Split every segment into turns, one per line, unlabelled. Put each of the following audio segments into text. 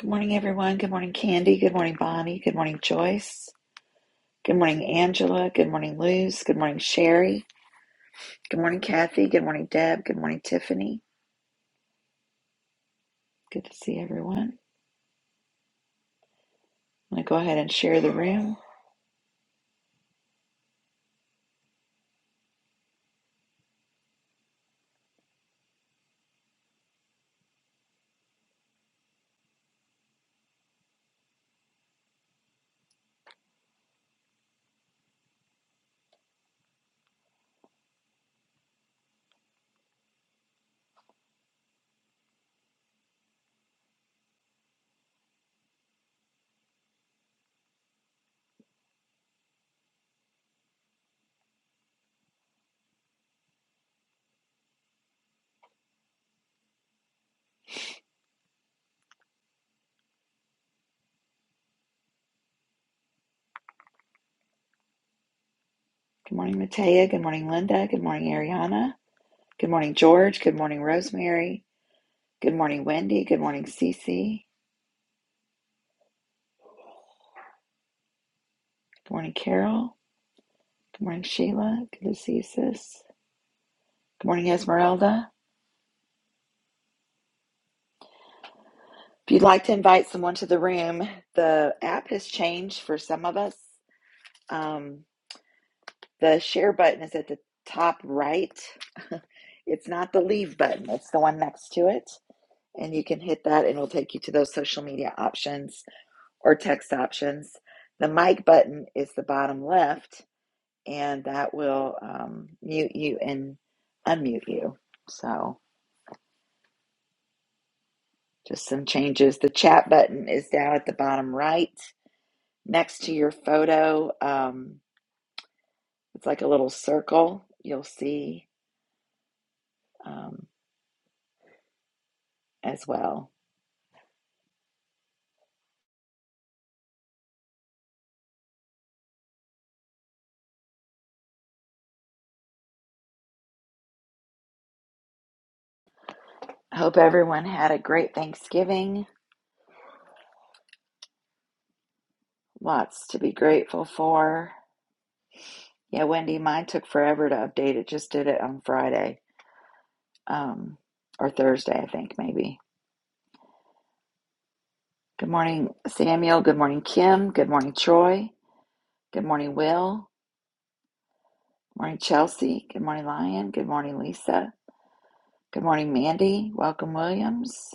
Good morning, everyone. Good morning, Candy. Good morning, Bonnie. Good morning, Joyce. Good morning, Angela. Good morning, Luz. Good morning, Sherry. Good morning, Kathy. Good morning, Deb. Good morning, Tiffany. Good to see everyone. I'm going to go ahead and share the room. Good morning, Matea. Good morning, Linda. Good morning, Ariana. Good morning, George. Good morning, Rosemary. Good morning, Wendy. Good morning, Cece. Good morning, Carol. Good morning, Sheila. Good to see you, sis. Good morning, Esmeralda. If you'd like to invite someone to the room, the app has changed for some of us. Um, the share button is at the top right. It's not the leave button, it's the one next to it. And you can hit that, and it'll take you to those social media options or text options. The mic button is the bottom left, and that will um, mute you and unmute you. So, just some changes. The chat button is down at the bottom right next to your photo. Um, it's like a little circle you'll see um, as well. I hope everyone had a great Thanksgiving. Lots to be grateful for. Yeah, Wendy, mine took forever to update. It just did it on Friday um, or Thursday, I think, maybe. Good morning, Samuel. Good morning, Kim. Good morning, Troy. Good morning, Will. Good Morning, Chelsea. Good morning, Lion. Good morning, Lisa. Good morning, Mandy. Welcome, Williams.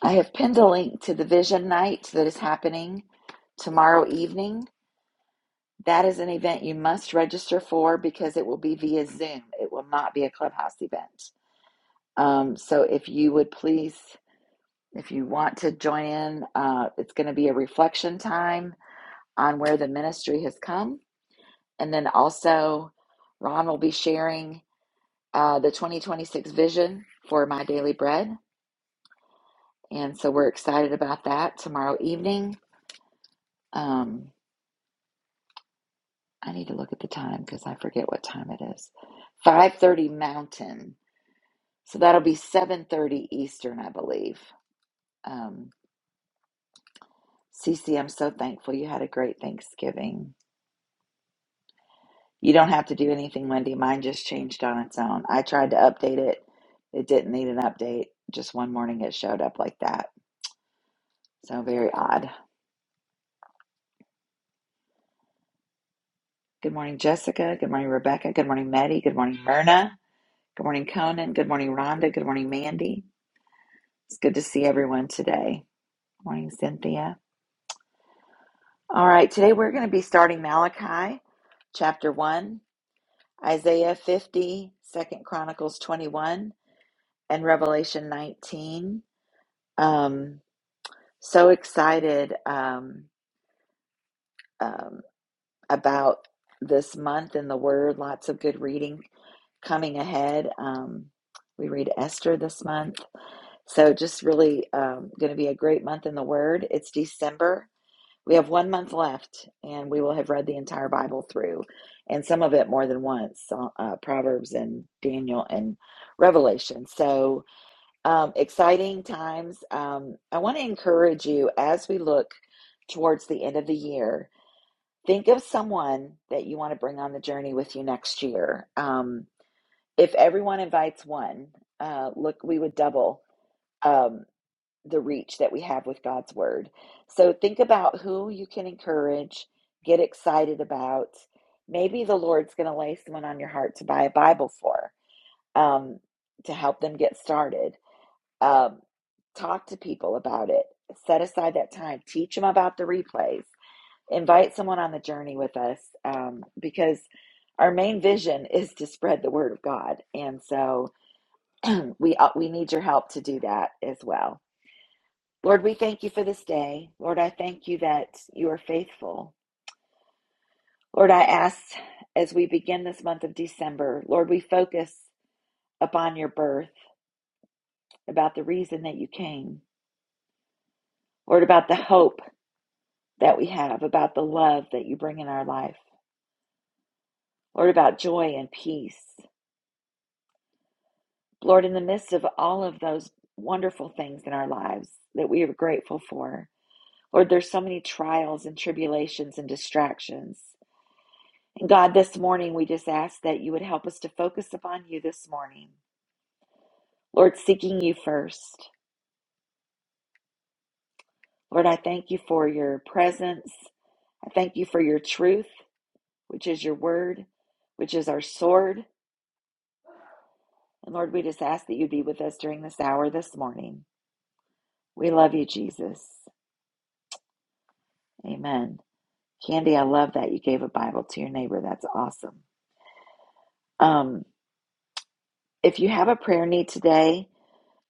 I have pinned a link to the vision night that is happening tomorrow evening. That is an event you must register for because it will be via Zoom. It will not be a clubhouse event. Um, so if you would please, if you want to join in, uh, it's going to be a reflection time on where the ministry has come. And then also, Ron will be sharing uh, the 2026 vision for My Daily Bread. And so we're excited about that tomorrow evening. Um, I need to look at the time because I forget what time it is. 5:30 Mountain. So that'll be 7:30 Eastern, I believe. Um, Cece, I'm so thankful you had a great Thanksgiving. You don't have to do anything, Wendy. Mine just changed on its own. I tried to update it. It didn't need an update. Just one morning it showed up like that. So very odd. Good morning, Jessica. Good morning, Rebecca. Good morning, Maddie. Good morning, Myrna. Good morning, Conan. Good morning, Rhonda. Good morning, Mandy. It's good to see everyone today. Good morning, Cynthia. All right, today we're going to be starting Malachi chapter 1 Isaiah 50, Second Chronicles 21, and Revelation 19. Um, so excited um, um, about this month in the Word. Lots of good reading coming ahead. Um, we read Esther this month. So just really um, going to be a great month in the Word. It's December. We have one month left, and we will have read the entire Bible through, and some of it more than once so- uh, Proverbs and Daniel and Revelation. So, um, exciting times. Um, I want to encourage you as we look towards the end of the year, think of someone that you want to bring on the journey with you next year. Um, if everyone invites one, uh, look, we would double. um, the reach that we have with God's word. So think about who you can encourage, get excited about. Maybe the Lord's going to lay someone on your heart to buy a Bible for, um, to help them get started. Um, talk to people about it. Set aside that time. Teach them about the replays. Invite someone on the journey with us um, because our main vision is to spread the word of God, and so we uh, we need your help to do that as well. Lord, we thank you for this day. Lord, I thank you that you are faithful. Lord, I ask as we begin this month of December, Lord, we focus upon your birth, about the reason that you came. Lord, about the hope that we have, about the love that you bring in our life. Lord, about joy and peace. Lord, in the midst of all of those wonderful things in our lives that we are grateful for, Lord, there's so many trials and tribulations and distractions. God, this morning we just ask that you would help us to focus upon you this morning. Lord, seeking you first. Lord, I thank you for your presence. I thank you for your truth, which is your word, which is our sword. And Lord, we just ask that you be with us during this hour this morning. We love you, Jesus. Amen. Candy, I love that you gave a Bible to your neighbor. That's awesome. Um, if you have a prayer need today,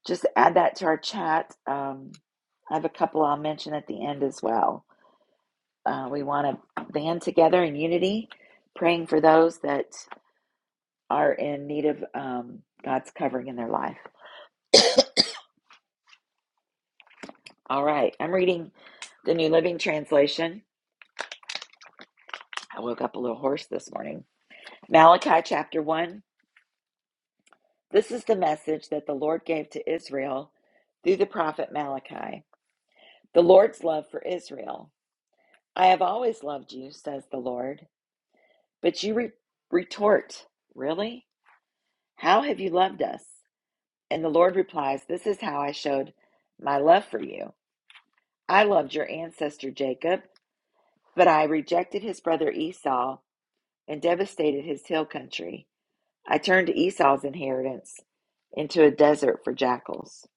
just add that to our chat. Um, I have a couple I'll mention at the end as well. Uh, we want to band together in unity, praying for those that are in need of um, God's covering in their life. All right, I'm reading the New Living Translation. I woke up a little hoarse this morning. Malachi chapter 1. This is the message that the Lord gave to Israel through the prophet Malachi. The Lord's love for Israel. I have always loved you, says the Lord. But you re- retort, Really? How have you loved us? And the Lord replies, This is how I showed my love for you. I loved your ancestor Jacob, but I rejected his brother Esau and devastated his hill country. I turned Esau's inheritance into a desert for jackals.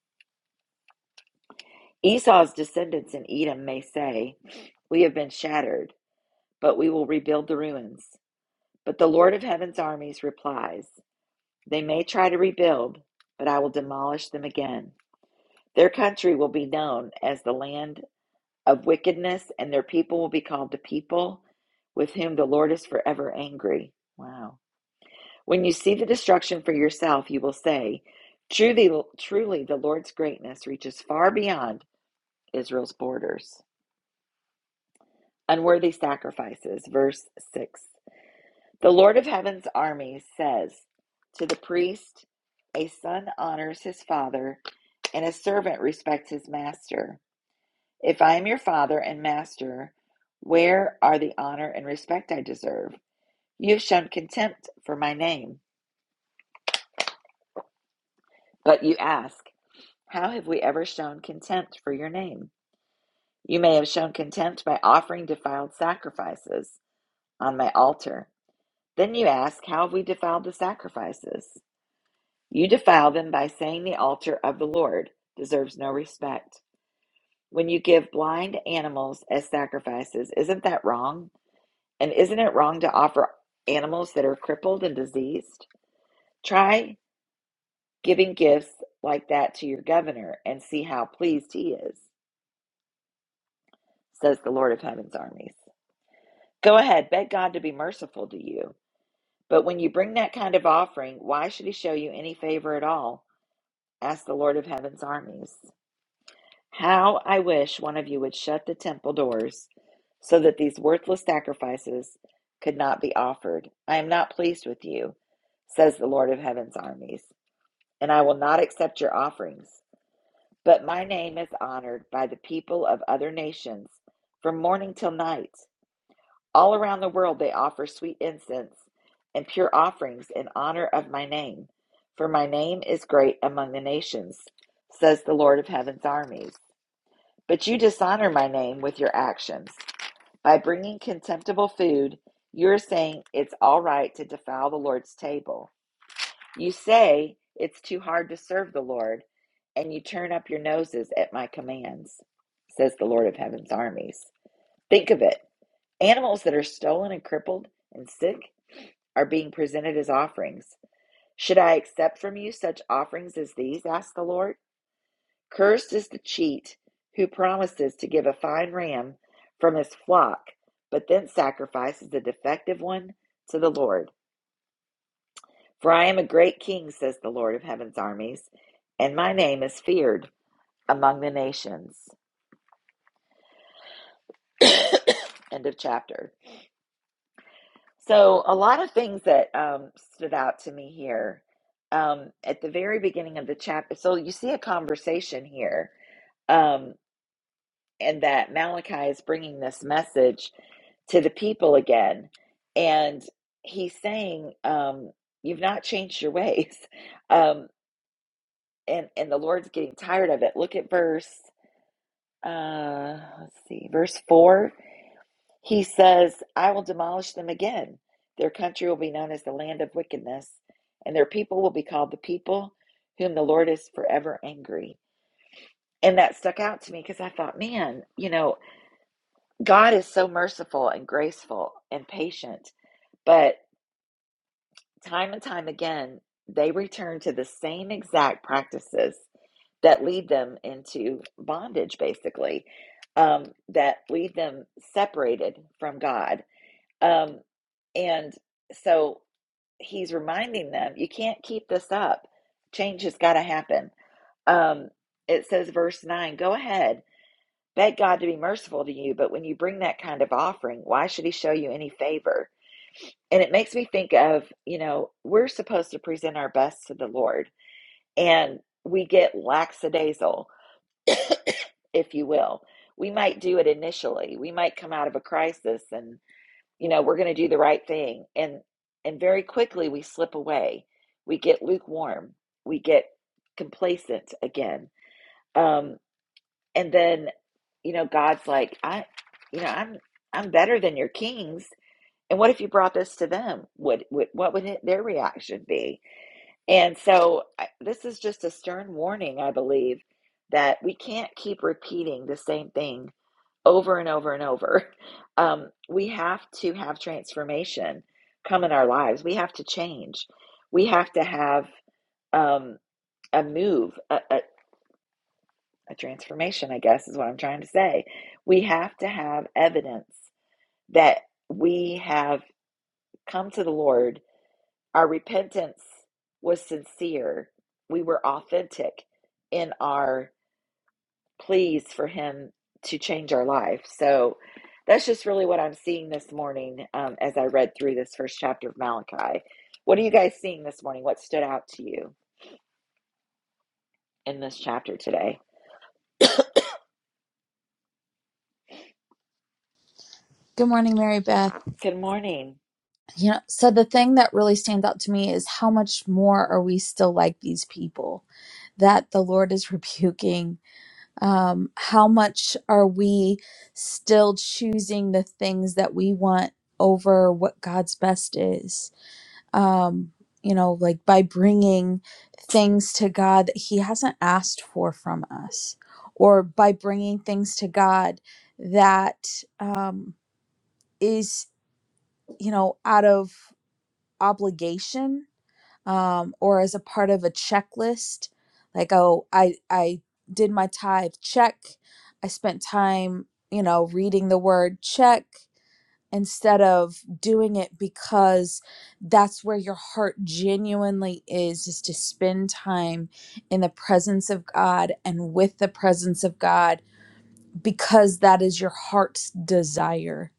Esau's descendants in Edom may say, We have been shattered, but we will rebuild the ruins. But the Lord of heaven's armies replies, They may try to rebuild, but I will demolish them again. Their country will be known as the land of wickedness, and their people will be called the people with whom the Lord is forever angry. Wow. When you see the destruction for yourself, you will say, Truly, truly the Lord's greatness reaches far beyond Israel's borders. Unworthy sacrifices, verse 6. The Lord of Heaven's armies says to the priest, A son honors his father, and a servant respects his master. If I am your father and master, where are the honor and respect I deserve? You have shown contempt for my name. But you ask, How have we ever shown contempt for your name? You may have shown contempt by offering defiled sacrifices on my altar. Then you ask, How have we defiled the sacrifices? You defile them by saying the altar of the Lord deserves no respect. When you give blind animals as sacrifices, isn't that wrong? And isn't it wrong to offer animals that are crippled and diseased? Try giving gifts like that to your governor and see how pleased he is, says the Lord of Heaven's armies. Go ahead, beg God to be merciful to you. But when you bring that kind of offering, why should he show you any favor at all? asks the Lord of Heaven's armies. How I wish one of you would shut the temple doors so that these worthless sacrifices could not be offered. I am not pleased with you, says the Lord of heaven's armies, and I will not accept your offerings. But my name is honored by the people of other nations from morning till night. All around the world they offer sweet incense and pure offerings in honor of my name, for my name is great among the nations, says the Lord of heaven's armies. But you dishonor my name with your actions. By bringing contemptible food, you're saying it's all right to defile the Lord's table. You say it's too hard to serve the Lord, and you turn up your noses at my commands, says the Lord of heaven's armies. Think of it animals that are stolen and crippled and sick are being presented as offerings. Should I accept from you such offerings as these? asked the Lord. Cursed is the cheat who promises to give a fine ram from his flock, but then sacrifices a defective one to the Lord. For I am a great king, says the Lord of heaven's armies, and my name is feared among the nations. End of chapter. So, a lot of things that um, stood out to me here um, at the very beginning of the chapter. So, you see a conversation here um, and that Malachi is bringing this message to the people again. And he's saying, um, You've not changed your ways. Um, and, and the Lord's getting tired of it. Look at verse, uh, let's see, verse 4. He says, I will demolish them again. Their country will be known as the land of wickedness, and their people will be called the people whom the Lord is forever angry. And that stuck out to me because I thought, man, you know, God is so merciful and graceful and patient, but time and time again, they return to the same exact practices that lead them into bondage, basically, um, that leave them separated from God. Um, and so he's reminding them, you can't keep this up. Change has got to happen. Um, it says, verse 9, go ahead. Beg God to be merciful to you, but when you bring that kind of offering, why should he show you any favor? And it makes me think of, you know, we're supposed to present our best to the Lord, and we get lackadaisical, if you will. We might do it initially. We might come out of a crisis and, you know, we're going to do the right thing. And and very quickly we slip away. We get lukewarm. We get complacent again. Um, and then you know god's like i you know i'm i'm better than your kings and what if you brought this to them would, would what would it, their reaction be and so I, this is just a stern warning i believe that we can't keep repeating the same thing over and over and over um, we have to have transformation come in our lives we have to change we have to have um, a move a, a, a transformation, I guess is what I'm trying to say. We have to have evidence that we have come to the Lord. Our repentance was sincere. We were authentic in our pleas for Him to change our life. So that's just really what I'm seeing this morning um, as I read through this first chapter of Malachi. What are you guys seeing this morning? What stood out to you in this chapter today?
Good morning, Mary Beth.
Good morning.
You know, so the thing that really stands out to me is how much more are we still like these people that the Lord is rebuking? Um, how much are we still choosing the things that we want over what God's best is? Um, you know, like by bringing things to God that He hasn't asked for from us, or by bringing things to God that um, is, you know, out of obligation um, or as a part of a checklist like oh i i did my tithe check i spent time you know reading the word check instead of doing it because that's where your heart genuinely is is to spend time in the presence of god and with the presence of god because that is your heart's desire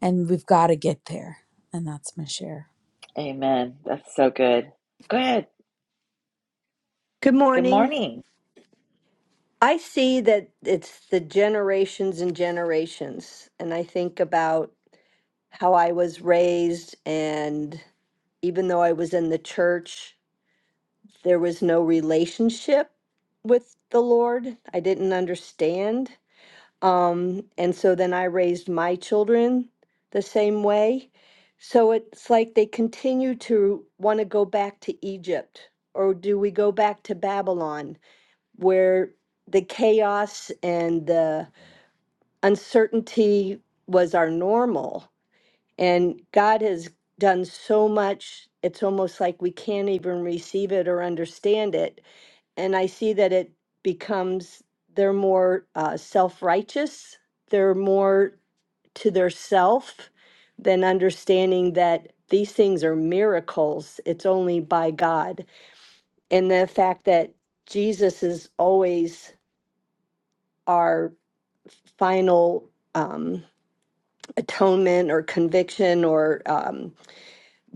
and we've got to get there and that's my share
Amen. That's so good. Go ahead.
Good
Good
morning.
morning.
I see that it's the generations and generations. And I think about how I was raised, and even though I was in the church, there was no relationship with the Lord. I didn't understand. Um, and so then I raised my children the same way. So it's like they continue to want to go back to Egypt, or do we go back to Babylon? where the chaos and the uncertainty was our normal. And God has done so much, it's almost like we can't even receive it or understand it. And I see that it becomes they're more uh, self righteous, they're more to their self than understanding that these things are miracles. It's only by God. And the fact that Jesus is always our final um, atonement or conviction or um,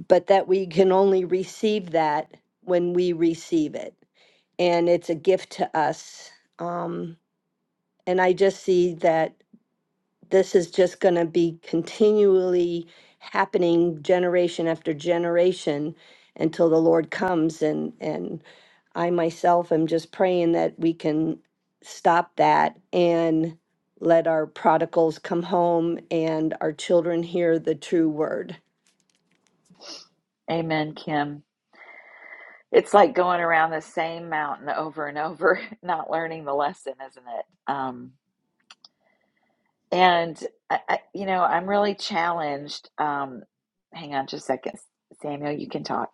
but that we can only receive that when we receive it and it's a gift to us um, and i just see that this is just going to be continually happening generation after generation until the Lord comes and and I myself am just praying that we can stop that and let our prodigals come home and our children hear the true word
Amen, Kim. It's like going around the same mountain over and over, not learning the lesson, isn't it? Um, and I, I, you know, I'm really challenged. Um, hang on just a second, Samuel. You can talk.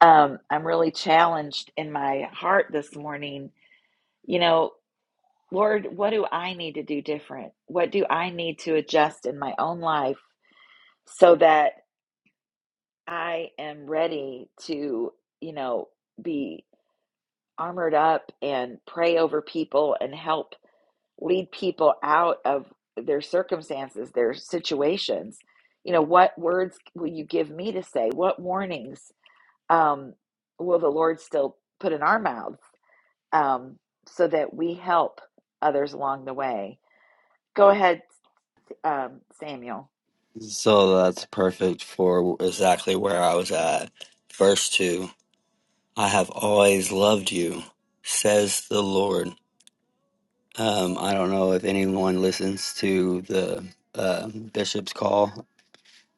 Um, I'm really challenged in my heart this morning. You know, Lord, what do I need to do different? What do I need to adjust in my own life so that I am ready to, you know, be armored up and pray over people and help lead people out of their circumstances, their situations. You know, what words will you give me to say? What warnings um, will the Lord still put in our mouths um, so that we help others along the way? Go ahead, um, Samuel.
So that's perfect for exactly where I was at. Verse 2 I have always loved you, says the Lord. Um, I don't know if anyone listens to the uh, bishop's call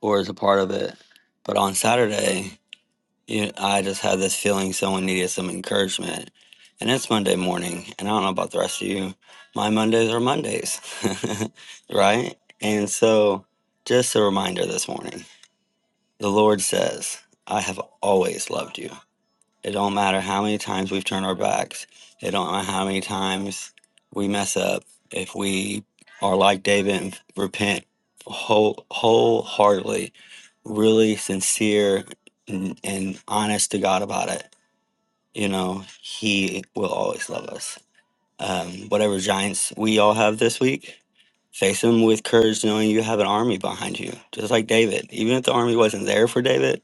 or is a part of it, but on Saturday, you, I just had this feeling someone needed some encouragement. And it's Monday morning, and I don't know about the rest of you. My Mondays are Mondays, right? And so, just a reminder this morning. The Lord says, I have always loved you. It don't matter how many times we've turned our backs. It don't matter how many times we mess up. If we are like David and repent whole, wholeheartedly, really sincere and, and honest to God about it, you know, He will always love us. Um, whatever giants we all have this week, face them with courage, knowing you have an army behind you, just like David. Even if the army wasn't there for David,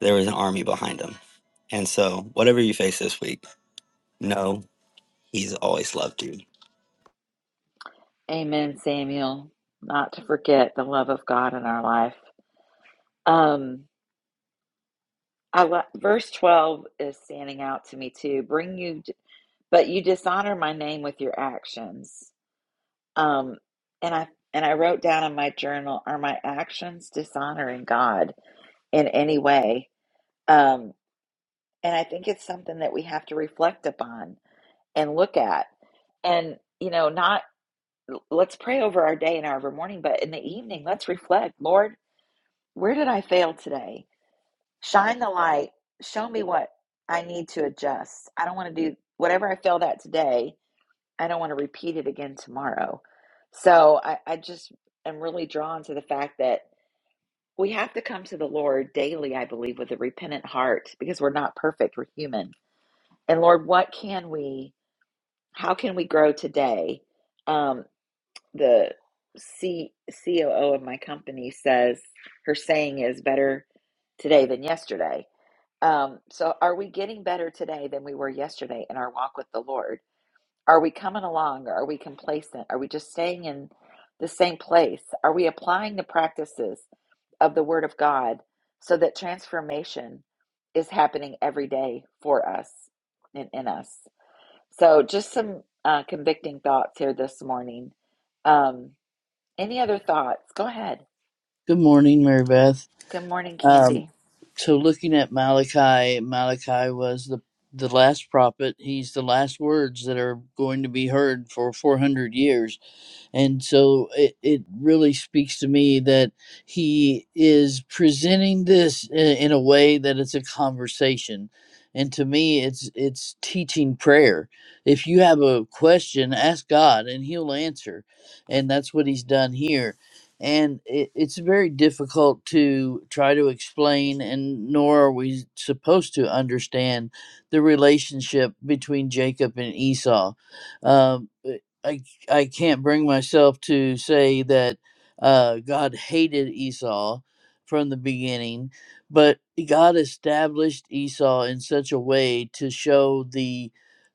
there was an army behind him. And so, whatever you face this week, know He's always loved you.
Amen, Samuel. Not to forget the love of God in our life. Um, I lo- verse 12 is standing out to me too. Bring you but you dishonor my name with your actions um and i and i wrote down in my journal are my actions dishonoring god in any way um and i think it's something that we have to reflect upon and look at and you know not let's pray over our day and our every morning but in the evening let's reflect lord where did i fail today shine the light show me what i need to adjust i don't want to do whatever i failed at today I don't want to repeat it again tomorrow. So I, I just am really drawn to the fact that we have to come to the Lord daily, I believe, with a repentant heart because we're not perfect, we're human. And Lord, what can we, how can we grow today? Um, the C, COO of my company says, her saying is better today than yesterday. Um, so are we getting better today than we were yesterday in our walk with the Lord? Are we coming along? Are we complacent? Are we just staying in the same place? Are we applying the practices of the Word of God so that transformation is happening every day for us and in us? So, just some uh, convicting thoughts here this morning. Um, any other thoughts? Go ahead.
Good morning, Mary Beth.
Good morning,
Um,
Candy.
so, looking at Malachi, Malachi was the the last prophet. He's the last words that are going to be heard for 400 years. And so it, it really speaks to me that he is presenting this in, in a way that it's a conversation. And to me, it's it's teaching prayer. If you have a question, ask God, and He'll answer. And that's what He's done here. And it, it's very difficult to try to explain, and nor are we supposed to understand the relationship between Jacob and Esau. Um, I I can't bring myself to say that uh, God hated Esau from the beginning, but God established Esau in such a way to show the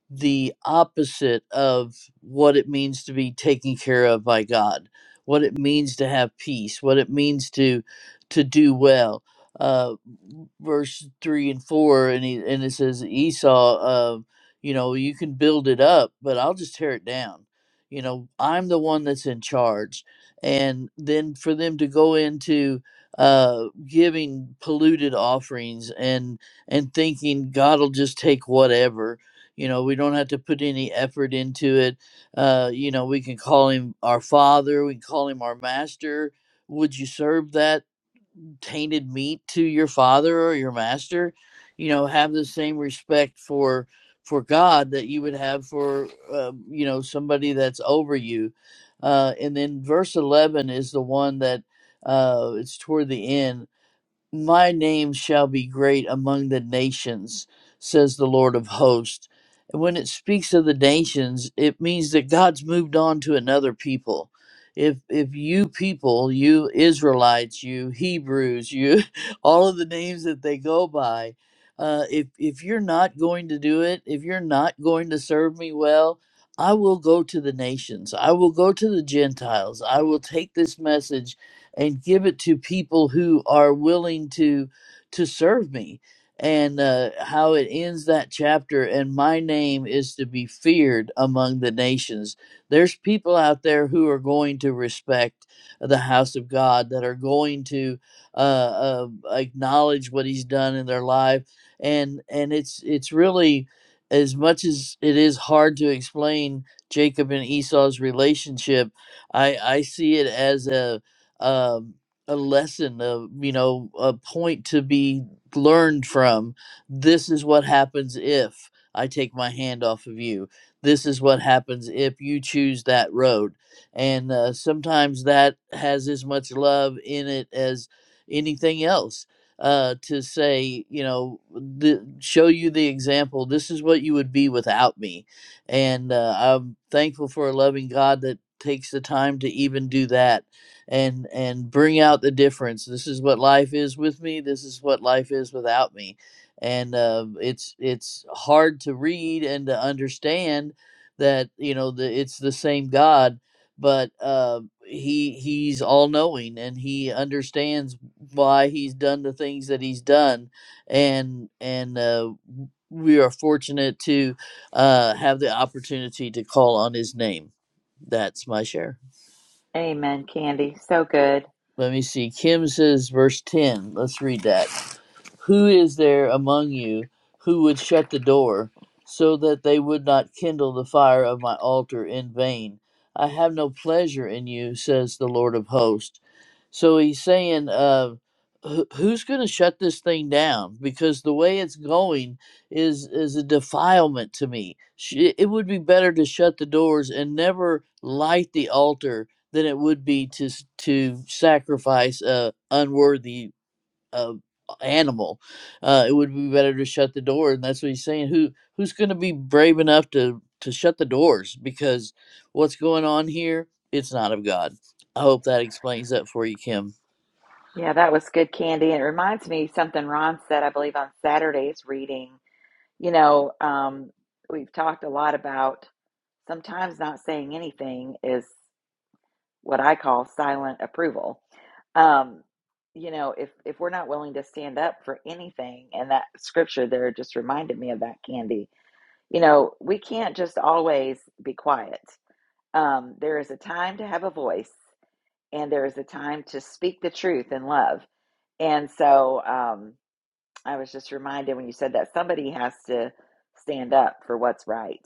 the opposite of what it means to be taken care of by God, what it means to have peace, what it means to to do well. Uh, verse three and four, and he, and it says Esau, uh, you know, you can build it up, but I'll just tear it down. You know, I'm the one that's in charge, and then for them to go into uh giving polluted offerings and and thinking God will just take whatever you know, we don't have to put any effort into it. Uh, you know, we can call him our father, we can call him our master. Would you serve that tainted meat to your father or your master? You know, have the same respect for for God that you would have for uh, you know somebody that's over you. Uh, and then verse eleven is the one that uh, it's toward the end my name shall be great among the nations, says the Lord of hosts. And when it speaks of the nations, it means that God's moved on to another people. If if you people, you Israelites, you Hebrews, you all of the names that they go by, uh, if if you're not going to do it, if you're not going to serve me well, I will go to the nations. I will go to the Gentiles. I will take this message and give it to people who are willing to to serve me and uh, how it ends that chapter and my name is to be feared among the nations there's people out there who are going to respect the house of god that are going to uh, uh, acknowledge what he's done in their life and and it's it's really as much as it is hard to explain jacob and esau's relationship i i see it as a um, a lesson of you know a point to be learned from this is what happens if i take my hand off of you this is what happens if you choose that road and uh, sometimes that has as much love in it as anything else uh, to say you know the, show you the example this is what you would be without me and uh, i'm thankful for a loving god that takes the time to even do that and and bring out the difference this is what life is with me this is what life is without me and uh, it's it's hard to read and to understand that you know the, it's the same god but uh, he he's all knowing and he understands why he's done the things that he's done and and uh, we are fortunate to uh, have the opportunity to call on his name that's my share
Amen, Candy. So good.
let me see. Kim says, verse 10. Let's read that. Who is there among you who would shut the door so that they would not kindle the fire of my altar in vain? I have no pleasure in you, says the Lord of hosts. So he's saying, uh, who- who's going to shut this thing down? Because the way it's going is is a defilement to me. Sh- It would be better to shut the doors and never light the altar than it would be to to sacrifice a unworthy uh, animal. Uh, it would be better to shut the door, and that's what he's saying. Who who's going to be brave enough to to shut the doors? Because what's going on here? It's not of God. I hope that explains that for you, Kim.
Yeah, that was good, Candy. It reminds me something Ron said, I believe, on Saturday's reading You know, um, we've talked a lot about sometimes not saying anything is what I call silent approval. Um, you know, if if we're not willing to stand up for anything, and that scripture there just reminded me of that, Candy. You know, we can't just always be quiet. Um, there is a time to have a voice, and there is a time to speak the truth in love. And so, um, I was just reminded when you said that somebody has to stand up for what's right.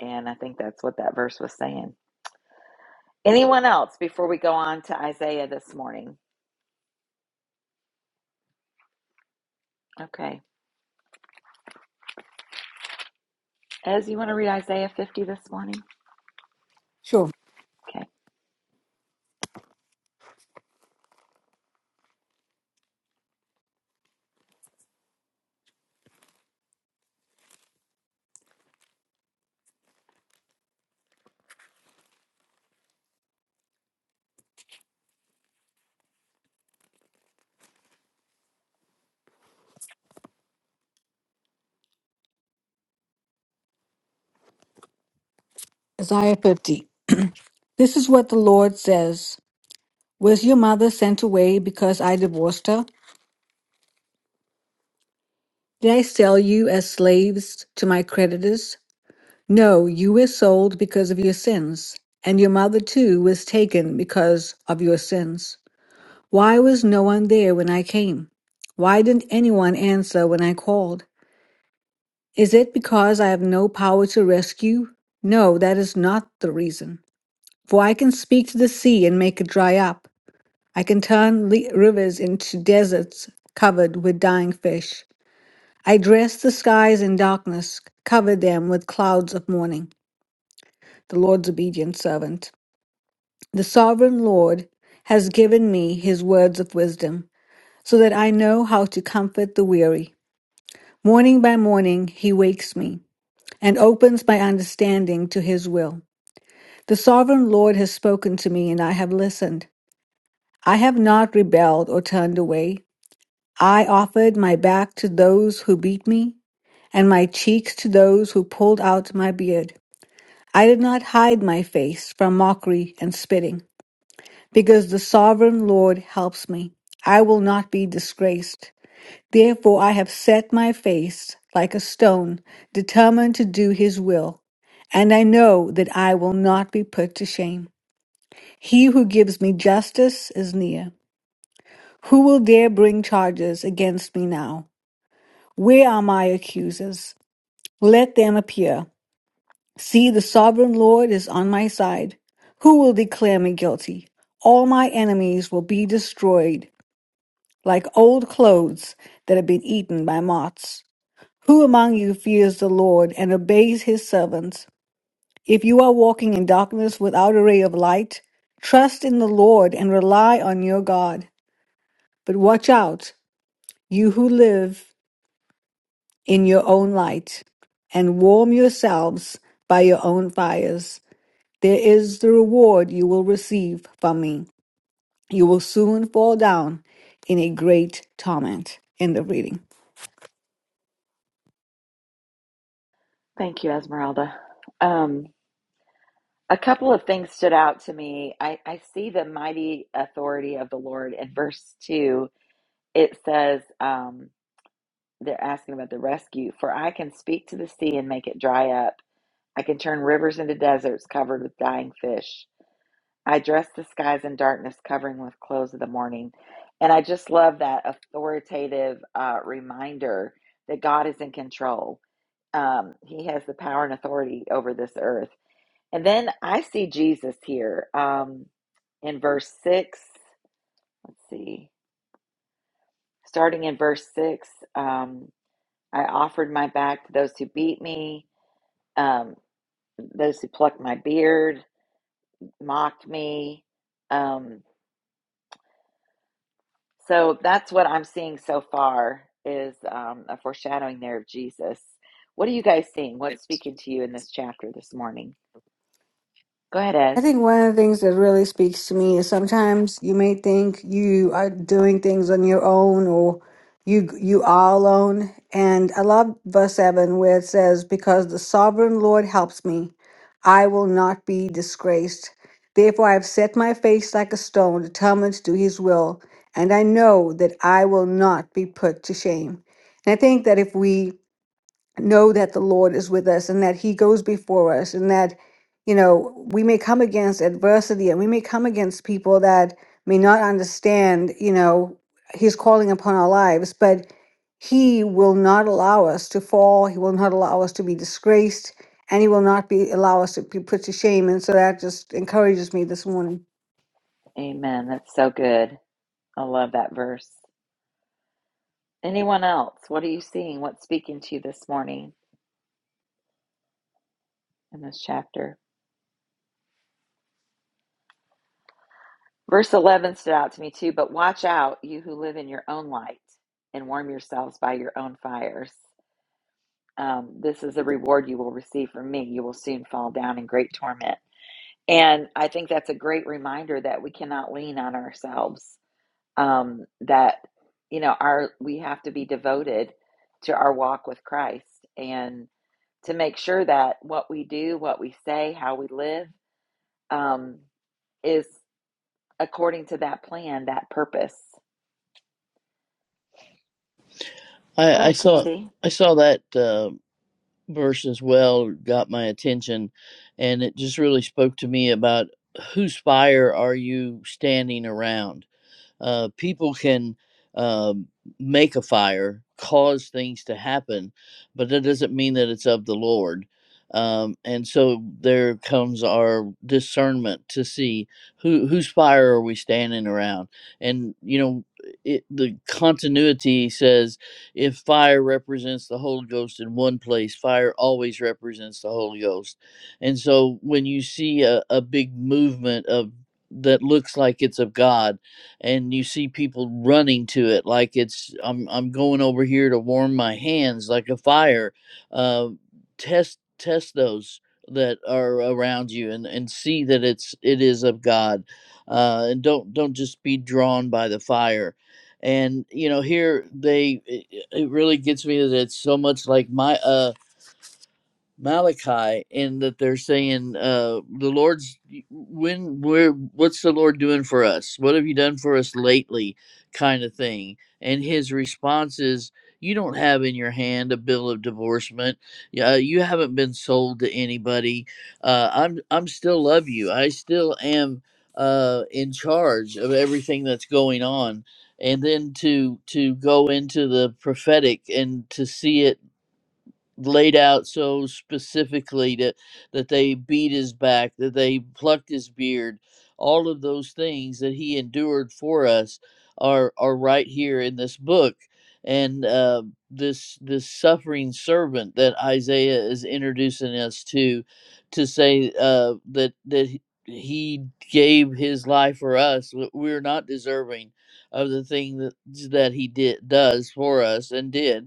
And I think that's what that verse was saying. Anyone else before we go on to Isaiah this morning? Okay. Ez, you want to read Isaiah 50 this morning?
Sure.
Okay.
Isaiah 50. This is what the Lord says Was your mother sent away because I divorced her? Did I sell you as slaves to my creditors? No, you were sold because of your sins, and your mother too was taken because of your sins. Why was no one there when I came? Why didn't anyone answer when I called? Is it because I have no power to rescue? No, that is not the reason. For I can speak to the sea and make it dry up I can turn le- rivers into deserts covered with dying fish. I dress the skies in darkness, cover them with clouds of mourning. The Lord's obedient servant. The sovereign Lord has given me his words of wisdom, so that I know how to comfort the weary. Morning by morning he wakes me and opens my understanding to his will. The sovereign Lord has spoken to me, and I have listened. I have not rebelled or turned away. I offered my back to those who beat me, and my cheeks to those who pulled out my beard. I did not hide my face from mockery and spitting, because the sovereign Lord helps me. I will not be disgraced. Therefore, I have set my face like a stone, determined to do his will, and I know that I will not be put to shame. He who gives me justice is near. Who will dare bring charges against me now? Where are my accusers? Let them appear. See, the sovereign Lord is on my side. Who will declare me guilty? All my enemies will be destroyed like old clothes that have been eaten by moths. Who among you fears the Lord and obeys his servants? If you are walking in darkness without a ray of light, trust in the Lord and rely on your God. But watch out, you who live in your own light and warm yourselves by your own fires. There is the reward you will receive from me. You will soon fall down in a great torment. End of reading.
Thank you, Esmeralda. Um, a couple of things stood out to me. I, I see the mighty authority of the Lord in verse 2. It says, um, they're asking about the rescue, for I can speak to the sea and make it dry up I can turn rivers into deserts covered with dying fish. I dress the skies in darkness, covering with clothes of the morning. And I just love that authoritative uh, reminder that God is in control. Um, he has the power and authority over this earth. And then I see Jesus here um, in verse 6. Let's see. Starting in verse 6, um, I offered my back to those who beat me, um, those who plucked my beard. mocked me. Um, so that's what I'm seeing so far is um, a foreshadowing there of Jesus. What are you guys seeing? What's speaking to you in this chapter this morning? Go ahead,
I
Ez.
think one of the things that really speaks to me is sometimes you may think you are doing things on your own or you you are alone. And I love verse seven where it says, Because the sovereign Lord helps me, I will not be disgraced. Therefore I have set my face like a stone, determined to do his will, and I know that I will not be put to shame. And I think that if we know that the Lord is with us and that He goes before us and that, you know, we may come against adversity and we may come against people that may not understand, you know, He's calling upon our lives, but He will not allow us to fall. He will not allow us to be disgraced and He will not be allow us to be put to shame. And so that just encourages me this morning.
Amen. That's so good. I love that verse. Anyone else? What are you seeing? What's speaking to you this morning in this chapter? Verse 11 stood out to me too, but watch out, you who live in your own light, and warm yourselves by your own fires. um, this is the reward you will receive from me. You will soon fall down in great torment. And I think that's a great reminder that we cannot lean on ourselves. Um, that you know, our we have to be devoted to our walk with Christ and to make sure that what we do, what we say, how we live, um, is according to that plan, that purpose. Go
I, I
ahead,
saw
Candy.
I saw that uh, verse as well. Got my attention, and it just really spoke to me about whose fire are you standing around uh, people can um, make a fire, cause things to happen, but that doesn't mean that it's of the Lord. Um, and so there comes our discernment to see who whose fire are we standing around, and you know it, the continuity says if fire represents the Holy Ghost in one place, fire always represents the Holy Ghost, and so when you see a, a big movement of that looks like it's of God and you see people running to it like it's I'm I'm going over here to warm my hands like a fire. Uh, test test those that are around you and and see that it's it is of God, uh, and don't don't just be drawn by the fire. And you know here they it, it really gets me that it's so much like my uh Malachi in that they're saying, uh, the Lord's when where what's the Lord doing for us? What have you done for us lately? kind of thing. And his response is, You don't have in your hand a bill of divorcement. Yeah, you haven't been sold to anybody. Uh, I'm I'm still love you. I still am uh in charge of everything that's going on. And then to to go into the prophetic and to see it laid out so specifically that that they beat his back, that they plucked his beard, all of those things that he endured for us are are right here in this book. And uh, this this suffering servant that Isaiah is introducing us to, to say uh, that that he he gave his life for us. w- We're not deserving of the thing that that he did does for us and did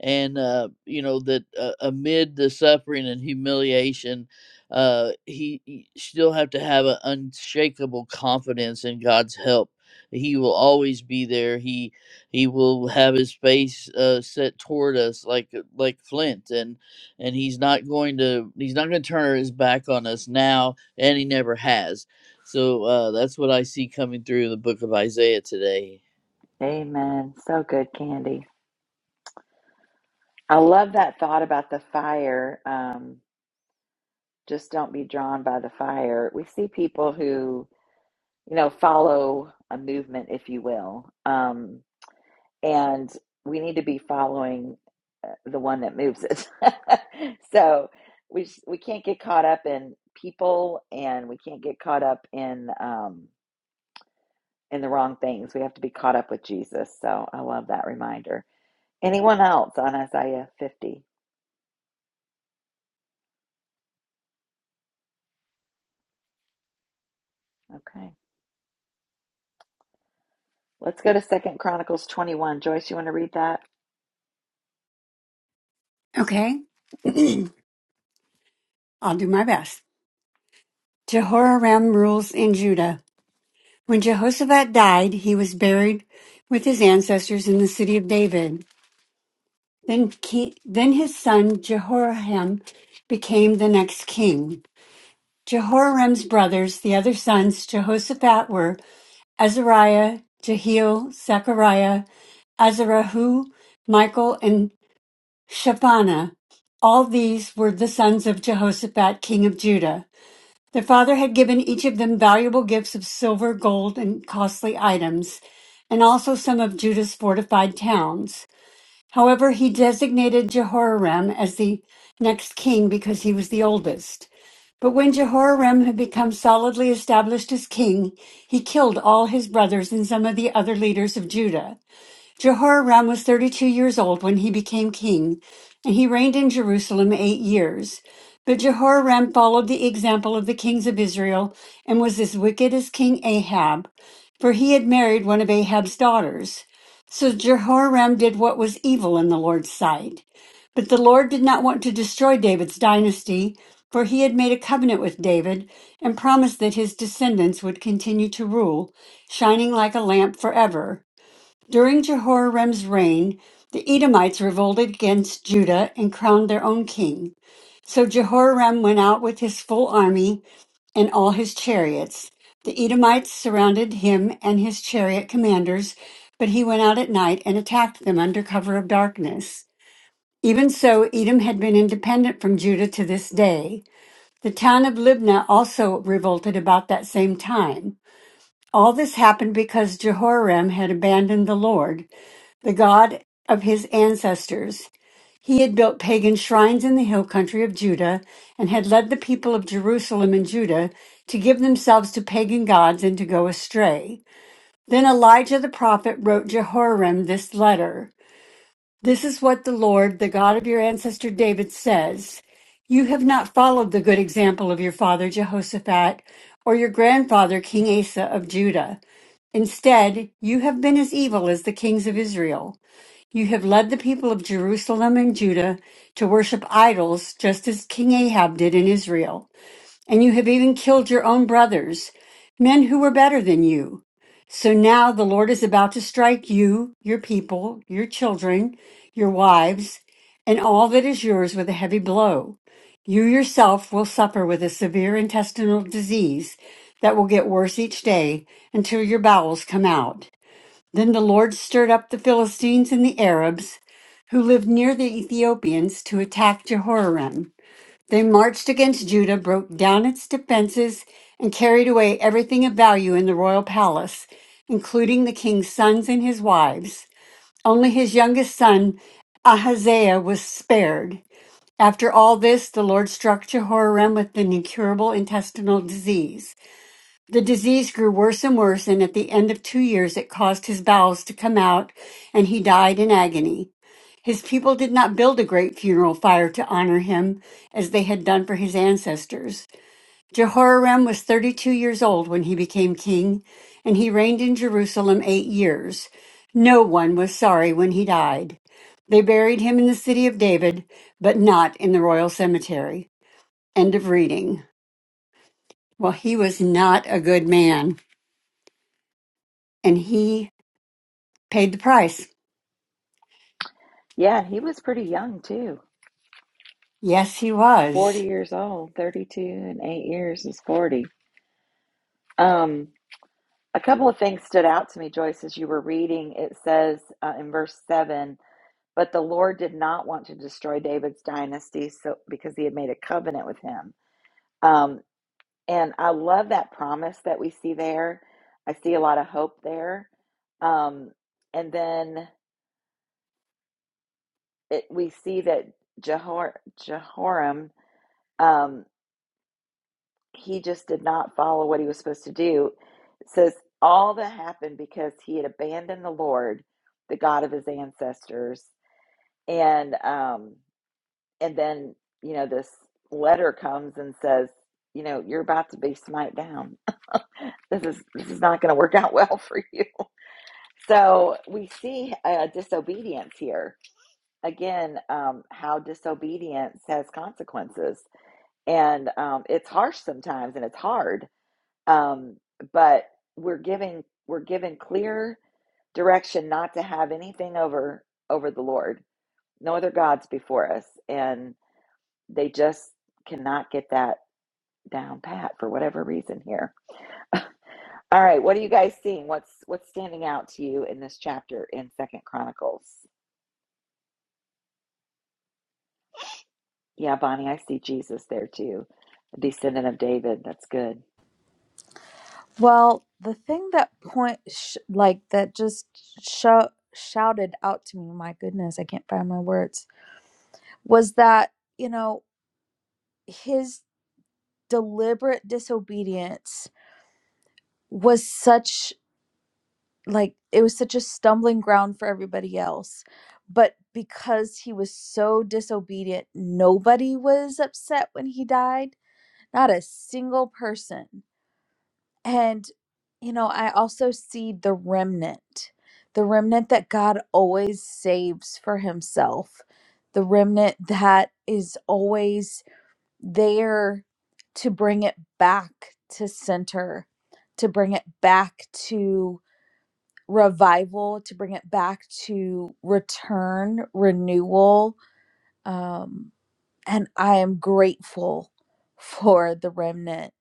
and uh, you know that uh, amid the suffering and humiliation uh, he, he still have to have an unshakable confidence in god's help he will always be there he he will have his face uh, set toward us like like flint and and he's not going to he's not going to turn his back on us now and he never has so uh, that's what i see coming through the book of isaiah today
Amen. So good, Candy. I love that thought about the fire. Um, just don't be drawn by the fire. We see people who, you know, follow a movement, if you will, um, and we need to be following uh, the one that moves it. so we we can't get caught up in people, and we can't get caught up in um, in the wrong things. We have to be caught up with Jesus. So I love that reminder. Anyone else on Isaiah fifty? Okay, let's go to Second Chronicles twenty one. Joyce, you want to read that?
Okay, I'll do my best. Jehoram rules in Judah. When Jehoshaphat died, he was buried with his ancestors in the city of David. Then, ki then his son Jehoram became the next king. Jehoram's brothers, the other sons Jehoshaphat, were Azariah, Jehiel, Zechariah, Azarahu, Michael, and Shapana. All these were the sons of Jehoshaphat, king of Judah. Their father had given each of them valuable gifts of silver, gold, and costly items, and also some of Judah's fortified towns. However, he designated Jehoram as the next king because he was the oldest. But when Jehoram had become solidly established as king, he killed all his brothers and some of the other leaders of Judah. Jehoram was 32 years old when he became king, and he reigned in Jerusalem eight years. But Jehoram followed the example of the kings of Israel and was as wicked as King Ahab, for he had married one of Ahab's daughters. So Jehoram did what was evil in the Lord's sight. But the Lord did not want to destroy David's dynasty, for he had made a covenant with David and promised that his descendants would continue to rule, shining like a lamp forever. During Jehoram's reign, the Edomites revolted against Judah and crowned their own king. So Jehoram went out with his full army and all his chariots. The Edomites surrounded him and his chariot commanders, but he went out at night and attacked them under cover of darkness. Even so, Edom had been independent from Judah to this day. The town of Libnah also revolted about that same time. All this happened because Jehoram had abandoned the Lord the god of his ancestors. He had built pagan shrines in the hill country of Judah and had led the people of Jerusalem and Judah to give themselves to pagan gods and to go astray. Then Elijah the prophet wrote Jehoram this letter This is what the Lord, the God of your ancestor David, says. You have not followed the good example of your father Jehoshaphat or your grandfather King Asa of Judah. Instead, you have been as evil as the kings of Israel. You have led the people of Jerusalem and Judah to worship idols, just as King Ahab did in Israel. And you have even killed your own brothers, men who were better than you. So now the Lord is about to strike you, your people, your children, your wives, and all that is yours with a heavy blow. You yourself will suffer with a severe intestinal disease that will get worse each day until your bowels come out. Then the Lord stirred up the Philistines and the Arabs who lived near the Ethiopians to attack Jehoram. They marched against Judah, broke down its defenses, and carried away everything of value in the royal palace, including the king's sons and his wives. Only his youngest son, Ahaziah, was spared. After all this, the Lord struck Jehoram with an incurable intestinal disease. The disease grew worse and worse, and at the end of two years, it caused his bowels to come out, and he died in agony. His people did not build a great funeral fire to honor him as they had done for his ancestors. Jehoram was 32 years old when he became king, and he reigned in Jerusalem eight years. No one was sorry when he died. They buried him in the city of David, but not in the royal cemetery. End of reading. Well, he was not a good man, and he Paid the price.
Yeah, he was pretty young too.
Yes, he was.
40 years old, 32 and 8 years is 40. Um, a couple of things stood out to me, Joyce, as you were reading. It says uh, in verse 7 But the Lord did not want to destroy David's dynasty so because he had made a covenant with him. Um, and I love that promise that we see there. I see a lot of hope there. Um, and then it, we see that Jehor, Jehoram. Um, he just did not follow what he was supposed to do. It says all that happened because he had abandoned the Lord, the God of his ancestors, and um, and then you know this letter comes and says, you know, you're about to be smite down. This is this is not going to work out well for you. So we see uh, disobedience here again. Um, how disobedience has consequences, and um, it's harsh sometimes, and it's hard um, but we're giving we're given clear direction not to have anything over over the lord no other gods before us and they just cannot get that down pat for whatever reason here all right what are you guys seeing what's what's standing out to you in this chapter in second chronicles yeah bonnie i see jesus there too a descendant of david that's good
Well, the thing that point sh- like that just sho- shouted out to me, my goodness, I can't find my words, was that, you know, his deliberate disobedience was such like it was such a stumbling ground for everybody else. But because he was so disobedient, nobody was upset when he died. Not a single person And, you know, I also see the remnant, the remnant that God always saves for himself, the remnant that is always there to bring it back to center, to bring it back to revival, to bring it back to return, renewal. Um, and I am grateful for the remnant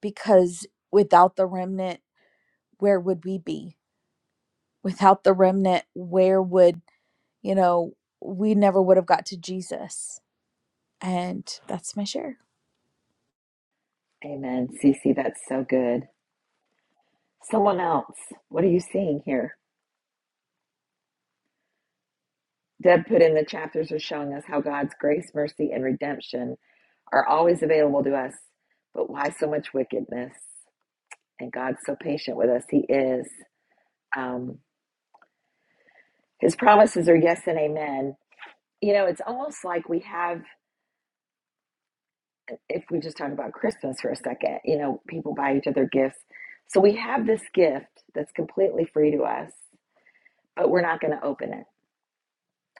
because without the remnant, where would we be without the remnant where would you know we never would have got to jesus and that's my share
amen cc that's so good someone else what are you seeing here Deb put in the chapters are showing us how God's grace, mercy, and redemption are always available to us. But why so much wickedness? And God's so patient with us. He is. Um, his promises are yes and amen. You know, it's almost like we have, if we just talk about Christmas for a second, you know, people buy each other gifts. So we have this gift that's completely free to us, but we're not going to open it.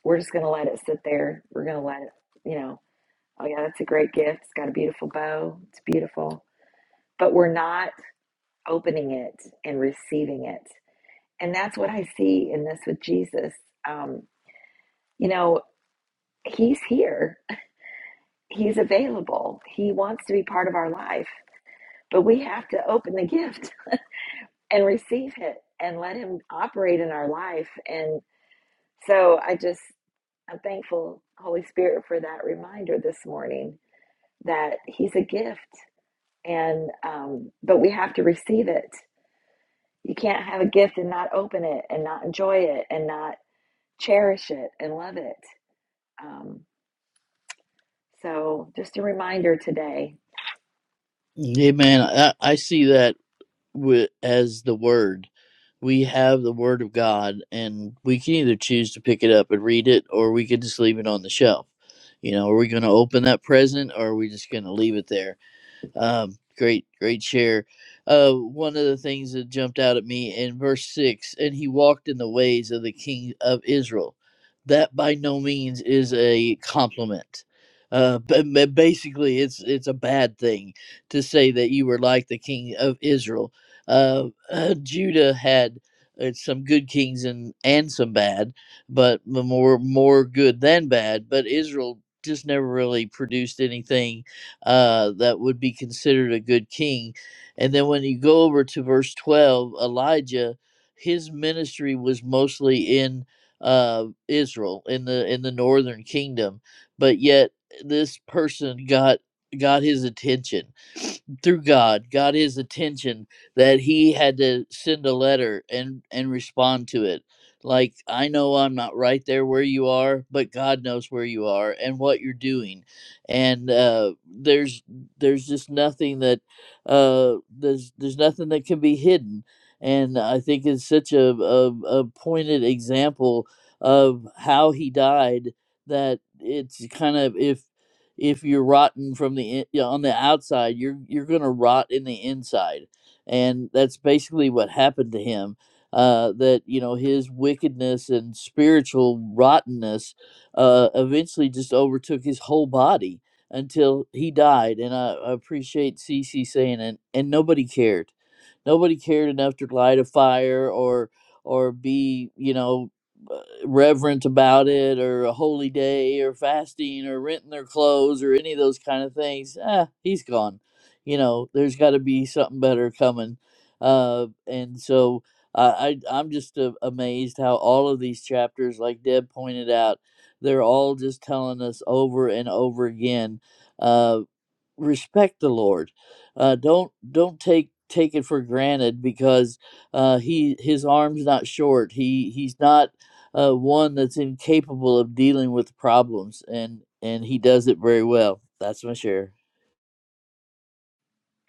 We're just going to let it sit there. We're going to let it, you know. Oh, yeah, that's a great gift. It's got a beautiful bow. It's beautiful. But we're not opening it and receiving it. And that's what I see in this with Jesus. Um, you know, he's here, he's available, he wants to be part of our life, but we have to open the gift and receive it and let him operate in our life. And so I just, I'm thankful, Holy Spirit, for that reminder this morning that he's a gift and um, but we have to receive it you can't have a gift and not open it and not enjoy it and not cherish it and love it um, so just a reminder today
amen i, I see that as the word. We have the word of God, and we can either choose to pick it up and read it, or we could just leave it on the shelf. You know, are we going to open that present, or are we just going to leave it there? Um, great, great share. Uh, one of the things that jumped out at me in verse six, and he walked in the ways of the king of Israel. That by no means is a compliment. Uh, but but basically, it's it's a bad thing to say that you were like the king of Israel. Uh, uh, Judah had uh, some good kings and and some bad, but more more good than bad. But Israel just never really produced anything uh, that would be considered a good king. And then when you go over to verse 12, Elijah, his ministry was mostly in uh, Israel, in the in the northern kingdom, but yet this person got got his attention through God got his attention that he had to send a letter and and respond to it. Like I know I'm not right there where you are, but God knows where you are and what you're doing and uh, there's there's just nothing that uh, there's there's nothing that can be hidden. And I think it's such a, a, a pointed example of how he died that it's kind of if if you're rotten from the in, yeah, on the outside, you're you're gonna rot in the inside, and that's basically what happened to him. Uh, that you know his wickedness and spiritual rottenness uh, eventually just overtook his whole body until he died. And I, I appreciate Cece saying it. And nobody cared. Nobody cared enough to light a fire or or be you know uh, reverent about it or a holy day or fasting or renting their clothes or any of those kind of things. Ah, he's gone. You know, there's got to be something better coming. Uh, and so I, I I'm just uh, amazed how all of these chapters, like Deb pointed out they're all just telling us over and over again, uh, respect the Lord. Uh, don't don't take take it for granted because uh, he his arm's not short. He he's not uh, one that's incapable of dealing with problems, and and he does it very well. That's my share.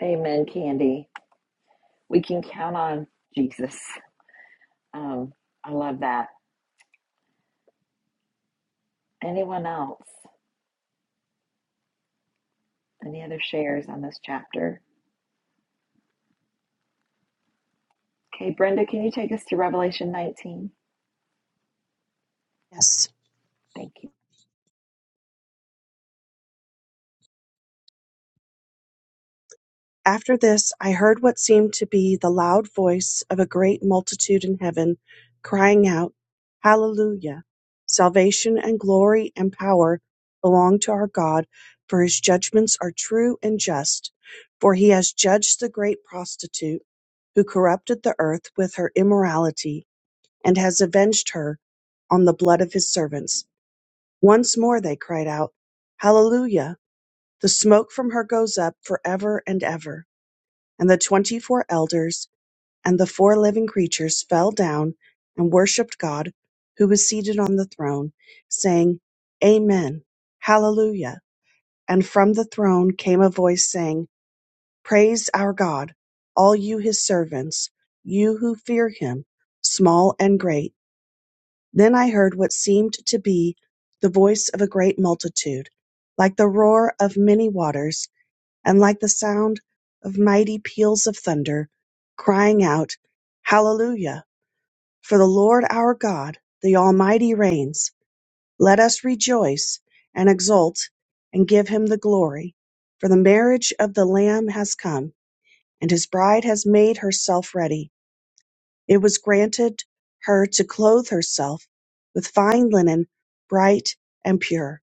amen candy we can count on jesus um, i love that anyone else any other shares on this chapter okay brenda can you take us to revelation 19
Yes.
thank you
After this, I heard what seemed to be the loud voice of a great multitude in heaven crying out, Hallelujah! Salvation and glory and power belong to our God, for his judgments are true and just. For he has judged the great prostitute who corrupted the earth with her immorality and has avenged her on the blood of his servants. Once more they cried out, Hallelujah! The smoke from her goes up forever and ever. And the twenty four elders and the four living creatures fell down and worshipped God, who was seated on the throne, saying, Amen, Hallelujah. And from the throne came a voice saying, Praise our God, all you his servants, you who fear him, small and great. Then I heard what seemed to be the voice of a great multitude, like the roar of many waters and like the sound of mighty peals of thunder, crying out, Hallelujah! For the Lord our God, the Almighty reigns. Let us rejoice and exult and give him the glory. For the marriage of the Lamb has come, and his bride has made herself ready. It was granted her to clothe herself with fine linen, bright and pure.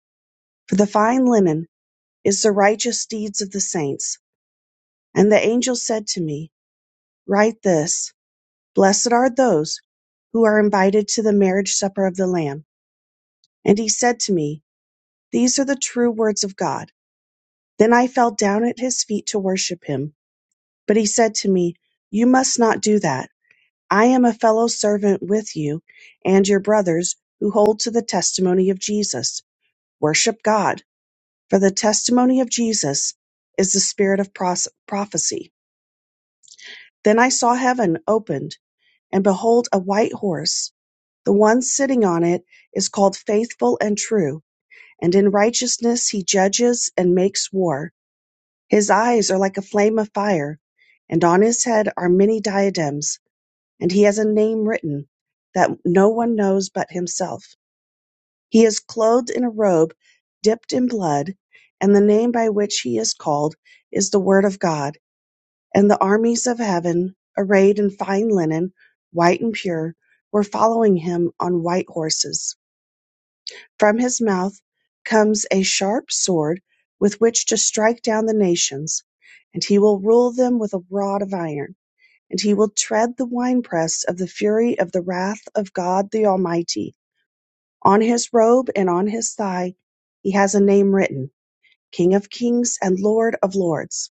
For the fine linen is the righteous deeds of the saints. And the angel said to me, Write this, Blessed are those who are invited to the marriage supper of the Lamb. And he said to me, These are the true words of God. Then I fell down at his feet to worship him. But he said to me, You must not do that. I am a fellow servant with you and your brothers who hold to the testimony of Jesus. Worship God, for the testimony of Jesus is the spirit of pros- prophecy. Then I saw heaven opened, and behold, a white horse. The one sitting on it is called faithful and true, and in righteousness he judges and makes war. His eyes are like a flame of fire, and on his head are many diadems, and he has a name written that no one knows but himself. He is clothed in a robe dipped in blood, and the name by which he is called is the Word of God. And the armies of heaven, arrayed in fine linen, white and pure, were following him on white horses. From his mouth comes a sharp sword with which to strike down the nations, and he will rule them with a rod of iron, and he will tread the winepress of the fury of the wrath of God the Almighty. On his robe and on his thigh he has a name written King of Kings and Lord of Lords.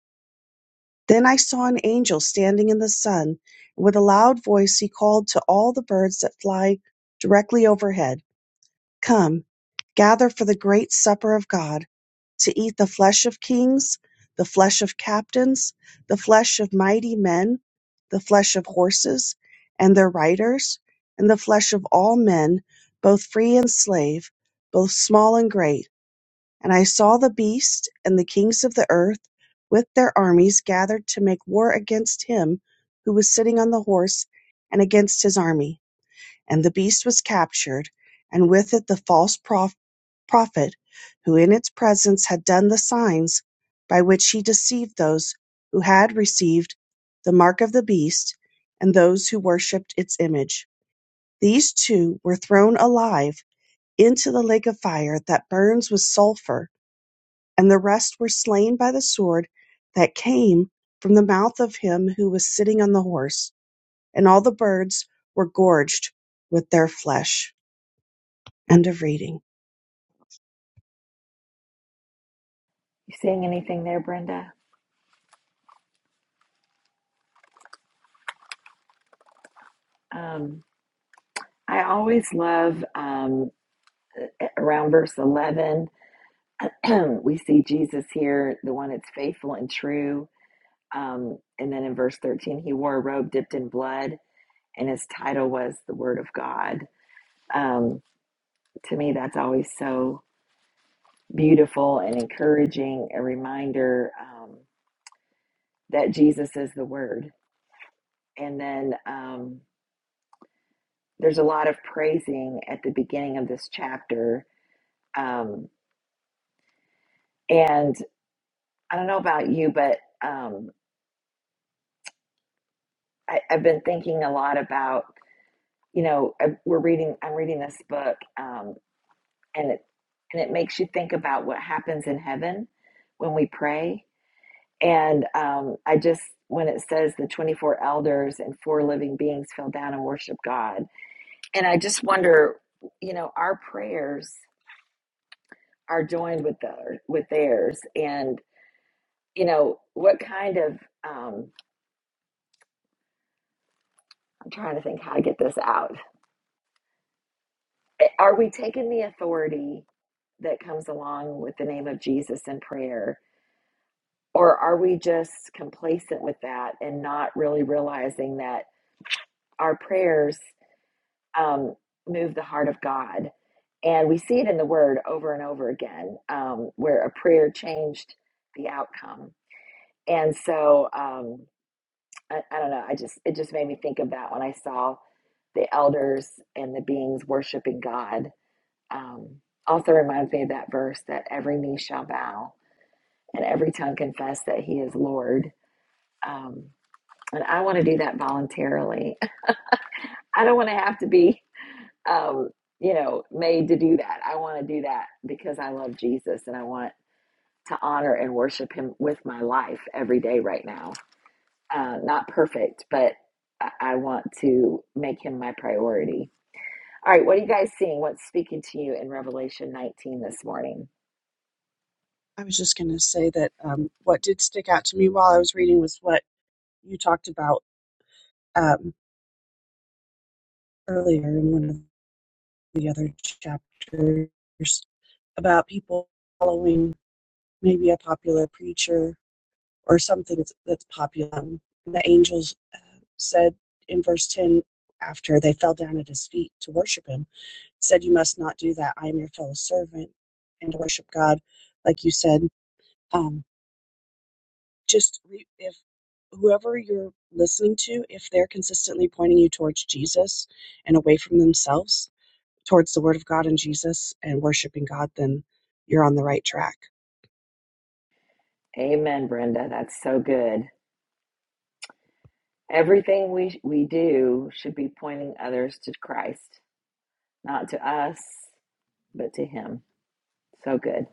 Then I saw an angel standing in the sun, and with a loud voice he called to all the birds that fly directly overhead Come, gather for the great supper of God to eat the flesh of kings, the flesh of captains, the flesh of mighty men, the flesh of horses and their riders, and the flesh of all men, both free and slave, both small and great. And I saw the beast and the kings of the earth with their armies gathered to make war against him who was sitting on the horse and against his army. And the beast was captured, and with it the false prof- prophet, who in its presence had done the signs by which he deceived those who had received the mark of the beast and those who worshipped its image. These two were thrown alive into the lake of fire that burns with sulfur, and the rest were slain by the sword that came from the mouth of him who was sitting on the horse, and all the birds were gorged with their flesh. End of reading.
you seeing anything there brenda um, i always love um, around verse 11 we see Jesus here, the one that's faithful and true. Um, and then in verse 13, he wore a robe dipped in blood, and his title was the Word of God. Um, to me, that's always so beautiful and encouraging, a reminder um, that Jesus is the Word. And then um, there's a lot of praising at the beginning of this chapter. Um, and I don't know about you, but um, I, I've been thinking a lot about you know I- we're reading i'm reading this book um, and it and it makes you think about what happens in heaven when we pray and um, i just when it says the 24 elders and four living beings fell down and worship god and i just wonder you know our prayers are joined with their with theirs and you know what kind of um, i'm trying to think how to get this out are we taking the authority that comes along with the name of jesus in prayer Or are we just complacent with that and not really realizing that our prayers um, move the heart of God? And we see it in the Word over and over again, um, where a prayer changed the outcome. And so um, I, I don't know. I just it just made me think of that when I saw the elders and the beings worshiping God. Um, also reminds me of that verse that every knee shall bow and every tongue confess that He is Lord. Um, And I want to do that voluntarily. I don't want to have to be, um, you know, made to do that. I want to do that because I love Jesus and I want to honor and worship him with my life every day right now. Uh, not perfect, but I I want to make him my priority. All right, what are you guys seeing? What's speaking to you in Revelation 19 this morning?
I was just going to say that um, what did stick out to me while I was reading was what you talked about um, earlier in one of the other chapters about people following maybe a popular preacher or something that's that's popular. Um, The angels uh, said in verse 10 after they fell down at his feet to worship him, said, You must not do that. I am your fellow servant and to worship God, like you said. Um, just re- if whoever you're listening to, if they're consistently pointing you towards Jesus and away from themselves, towards the Word of God and Jesus and worshiping God, then you're on the right track.
Amen, Brenda. That's so good. Everything we we do should be pointing others to Christ, not to us, but to Him. So good.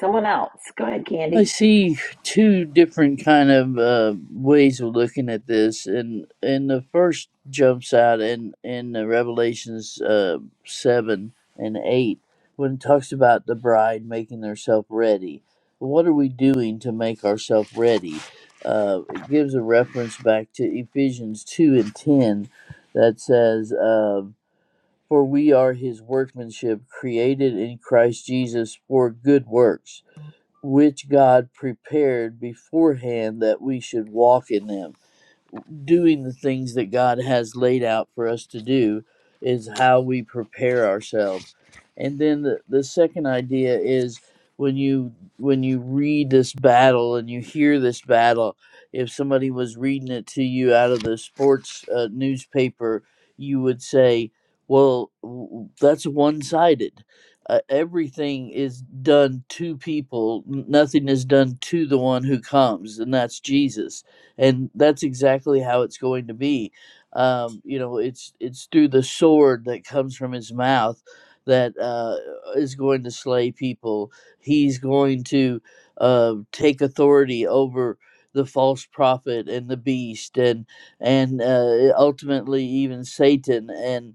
Someone else. Go ahead,
I
Candy.
see two different kind of uh, ways of looking at this, and and the first jumps out in in the Revelations uh, seven and eight when it talks about the bride making herself ready. What are we doing to make ourselves ready? Uh, it gives a reference back to Ephesians two and ten that says, uh, "For we are His workmanship, created in Christ Jesus for good works." which God prepared beforehand that we should walk in them doing the things that God has laid out for us to do is how we prepare ourselves. And then the, the second idea is when you when you read this battle and you hear this battle, if somebody was reading it to you out of the sports uh, newspaper, you would say, "Well, w- that's one-sided. Uh, everything is done to people. n- Nothing is done to the one who comes, and that's Jesus." and that's exactly how it's going to be um, you know it's it's through the sword that comes from his mouth that uh, is going to slay people he's going to uh, take authority over the false prophet and the beast and and uh, ultimately even satan and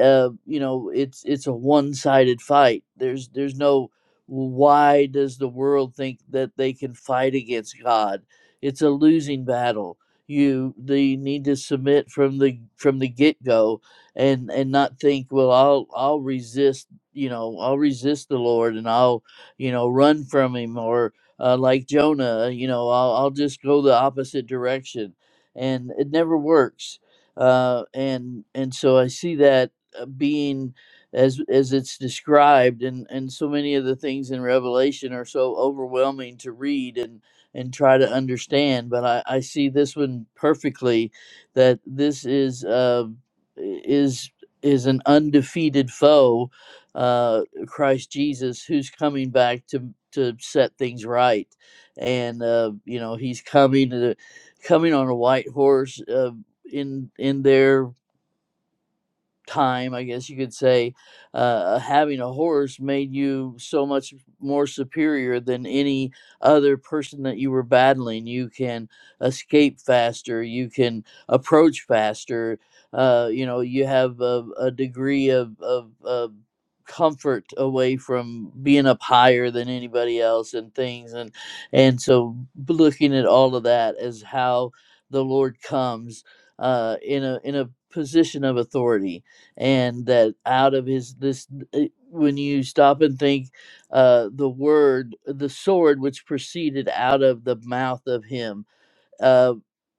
uh, you know it's it's a one-sided fight there's there's no why does the world think that they can fight against god it's a losing battle. You the need to submit from the from the get go, and and not think, well, I'll I'll resist. You know, I'll resist the Lord, and I'll you know run from Him, or uh, like Jonah, you know, I'll I'll just go the opposite direction, and it never works. Uh, and and so I see that uh, being as as it's described and and so many of the things in revelation are so overwhelming to read and and try to understand. But I, I see this one perfectly that this is uh, is is an undefeated foe, uh, Christ Jesus, who's coming back to to set things right, and uh, you know he's coming to coming on a white horse. Uh, in in there time, I guess you could say, uh, having a horse made you so much more superior than any other person that you were battling. You can escape faster, you can approach faster, uh, you know, you have a, a degree of, of, of comfort away from being up higher than anybody else and things and and so b- looking at all of that as how the lord comes uh in a in a position of authority and that out of his this eh, when you stop and think uh the word the sword which proceeded out of the mouth of him uh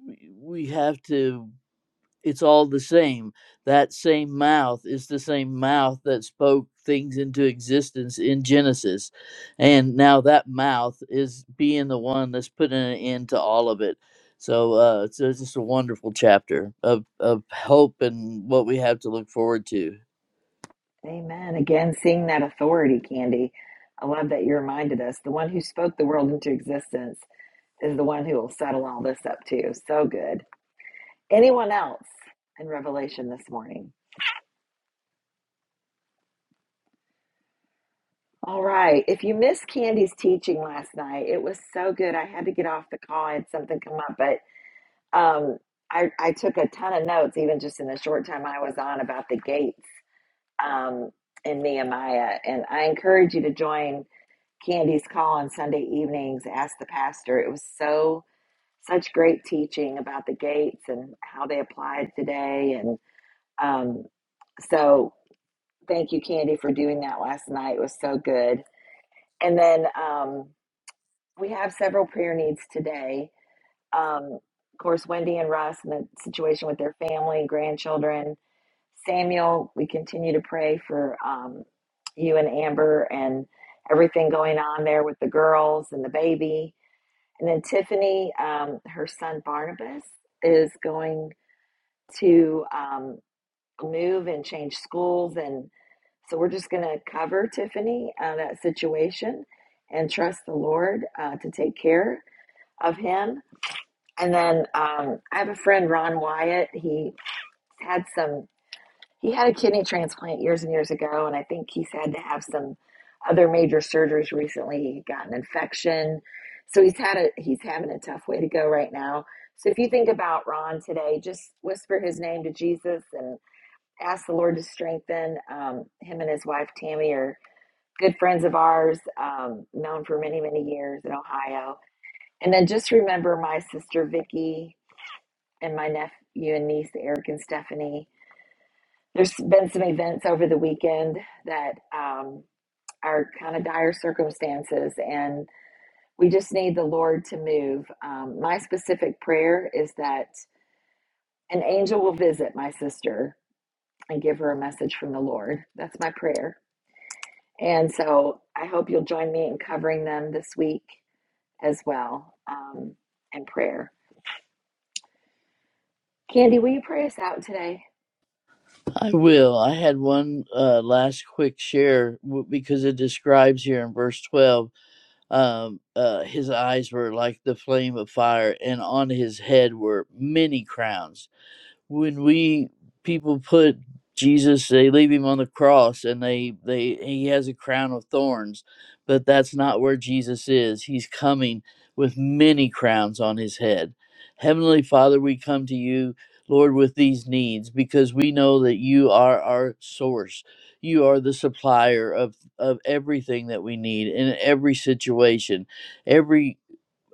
we we have to it's all the same that same mouth is the same mouth that spoke things into existence in genesis and now that mouth is being the one that's putting an end to all of it so uh it's, it's just a wonderful chapter of of hope and what we have to look forward to
Amen. Again, seeing that authority, Candy. I love that you reminded us. The one who spoke the world into existence is the one who will settle all this up too. So good. Anyone else in Revelation this morning? All right. If you missed Candy's teaching last night, it was so good. I had to get off the call. I had something come up, but Um, I, I took a ton of notes, even just in the short time I was on, about the gates um, in Nehemiah. And I encourage you to join Candy's call on Sunday evenings. Ask the pastor. It was so such great teaching about the gates and how they applied today. And um, so, thank you, Candy, for doing that last night. It was so good. And then um, we have several prayer needs today. Um, of course, Wendy and Russ and the situation with their family, grandchildren. Samuel, we continue to pray for um, you and Amber and everything going on there with the girls and the baby. And then Tiffany, um, her son Barnabas, is going to um, move and change schools. And so we're just going to cover Tiffany, uh, that situation, and trust the Lord uh, to take care of him. And then um, I have a friend, Ron Wyatt. He had some, he had a kidney transplant years and years ago, and I think he's had to have some other major surgeries recently. He got an infection, so he's had a he's having a tough way to go right now. So if you think about Ron today, just whisper his name to Jesus and ask the Lord to strengthen um, him and his wife Tammy are good friends of ours, um, known for many many years in Ohio. And then just remember my sister Vicky and my nephew and niece, Eric and Stephanie. There's been some events over the weekend that um, are kind of dire circumstances, and we just need the Lord to move. Um, my specific prayer is that an angel will visit my sister and give her a message from the Lord. That's my prayer. And so I hope you'll join me in covering them this week as well um, in prayer. Candy, will you pray us out today?
I will. I had one uh, last quick share w- because it describes here in verse 12 um, uh, his eyes were like the flame of fire, and on his head were many crowns when we people put Jesus, they leave him on the cross, and they they he has a crown of thorns, but that's not where Jesus is. He's coming with many crowns on his head. Heavenly Father, we come to you, Lord, with these needs because we know that you are our source. You are the supplier of of everything that we need in every situation, every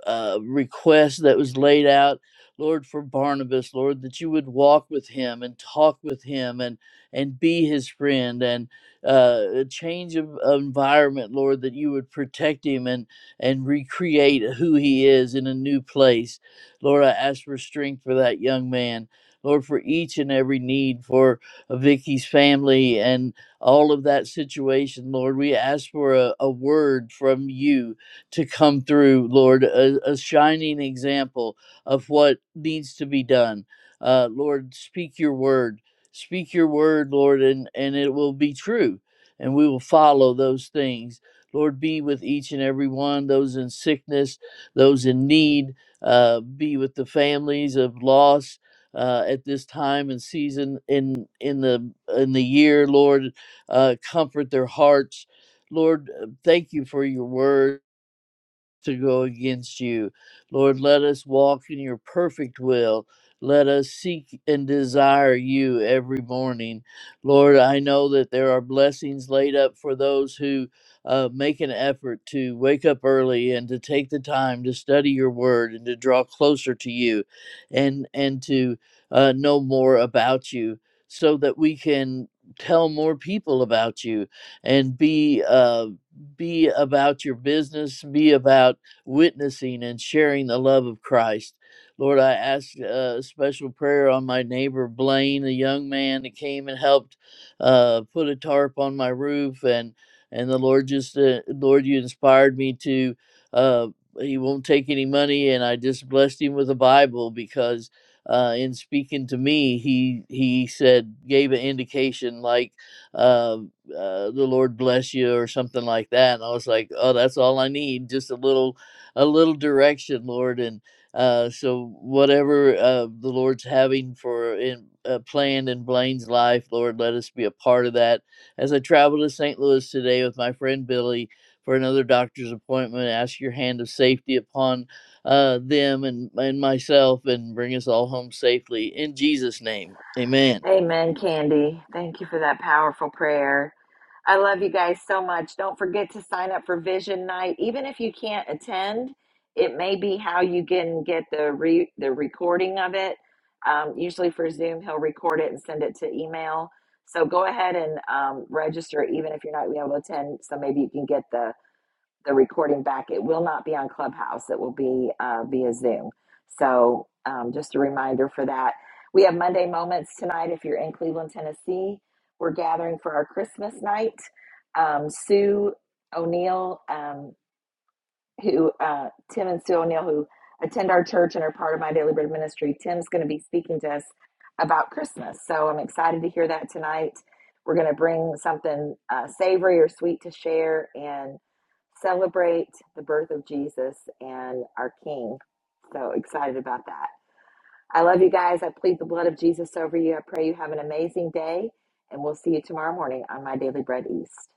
uh, request that was laid out, Lord, for Barnabas, Lord, that you would walk with him and talk with him and and be his friend and uh, a change of of environment, Lord, that you would protect him and and recreate who he is in a new place. Lord, I ask for strength for that young man. Lord, for each and every need for uh, Vicky's family and all of that situation, Lord, we ask for a, a word from you to come through, Lord, a, a shining example of what needs to be done. Uh, Lord, speak your word. Speak your word, Lord, and, and it will be true. And we will follow those things. Lord, be with each and every one, those in sickness, those in need. Uh, be with the families of loss uh, at this time and season in in the in the year, Lord. Uh, comfort their hearts, Lord. uh, Thank you for your word to go against you. Lord, let us walk in your perfect will. Let us seek and desire you every morning. Lord, I know that there are blessings laid up for those who uh, make an effort to wake up early and to take the time to study your word and to draw closer to you and, and to uh, know more about you so that we can tell more people about you and be. uh, be about your business, be about witnessing and sharing the love of Christ. Lord, I ask uh, a special prayer on my neighbor Blaine, a young man that came and helped uh, put a tarp on my roof, and and the Lord just, uh, Lord, you inspired me to. Uh, he won't take any money, and I just blessed him with a Bible because uh, in speaking to me, he he said gave an indication like uh, uh, the Lord bless you or something like that. And I was like, oh, that's all I need, just a little, a little direction, Lord. And uh, so whatever uh, the Lord's having for in uh, planned in Blaine's life, Lord, let us be a part of that. As I travel to St. Louis today with my friend Billy for another doctor's appointment, ask your hand of safety upon uh, them and, and myself, and bring us all home safely in Jesus' name. Amen.
Amen, Candy. Thank you for that powerful prayer. I love you guys so much. Don't forget to sign up for Vision Night. Even if you can't attend, it may be how you can get the re- the recording of it. Um, usually for Zoom, he'll record it and send it to email. So go ahead and um, register, even if you're not able to attend. So maybe you can get the the recording back. It will not be on Clubhouse. It will be uh, via Zoom. So um, just a reminder for that. We have Monday moments tonight. If you're in Cleveland, Tennessee, we're gathering for our Christmas night. Um, Sue O'Neill, um, who uh, Tim and Sue O'Neill, who attend our church and are part of my Daily Bread ministry. Tim's going to be speaking to us about Christmas, so I'm excited to hear that tonight. We're going to bring something uh, savory or sweet to share and celebrate the birth of Jesus and our King. So excited about that. I love you guys. I plead the blood of Jesus over you. I pray you have an amazing day, and we'll see you tomorrow morning on My Daily Bread East.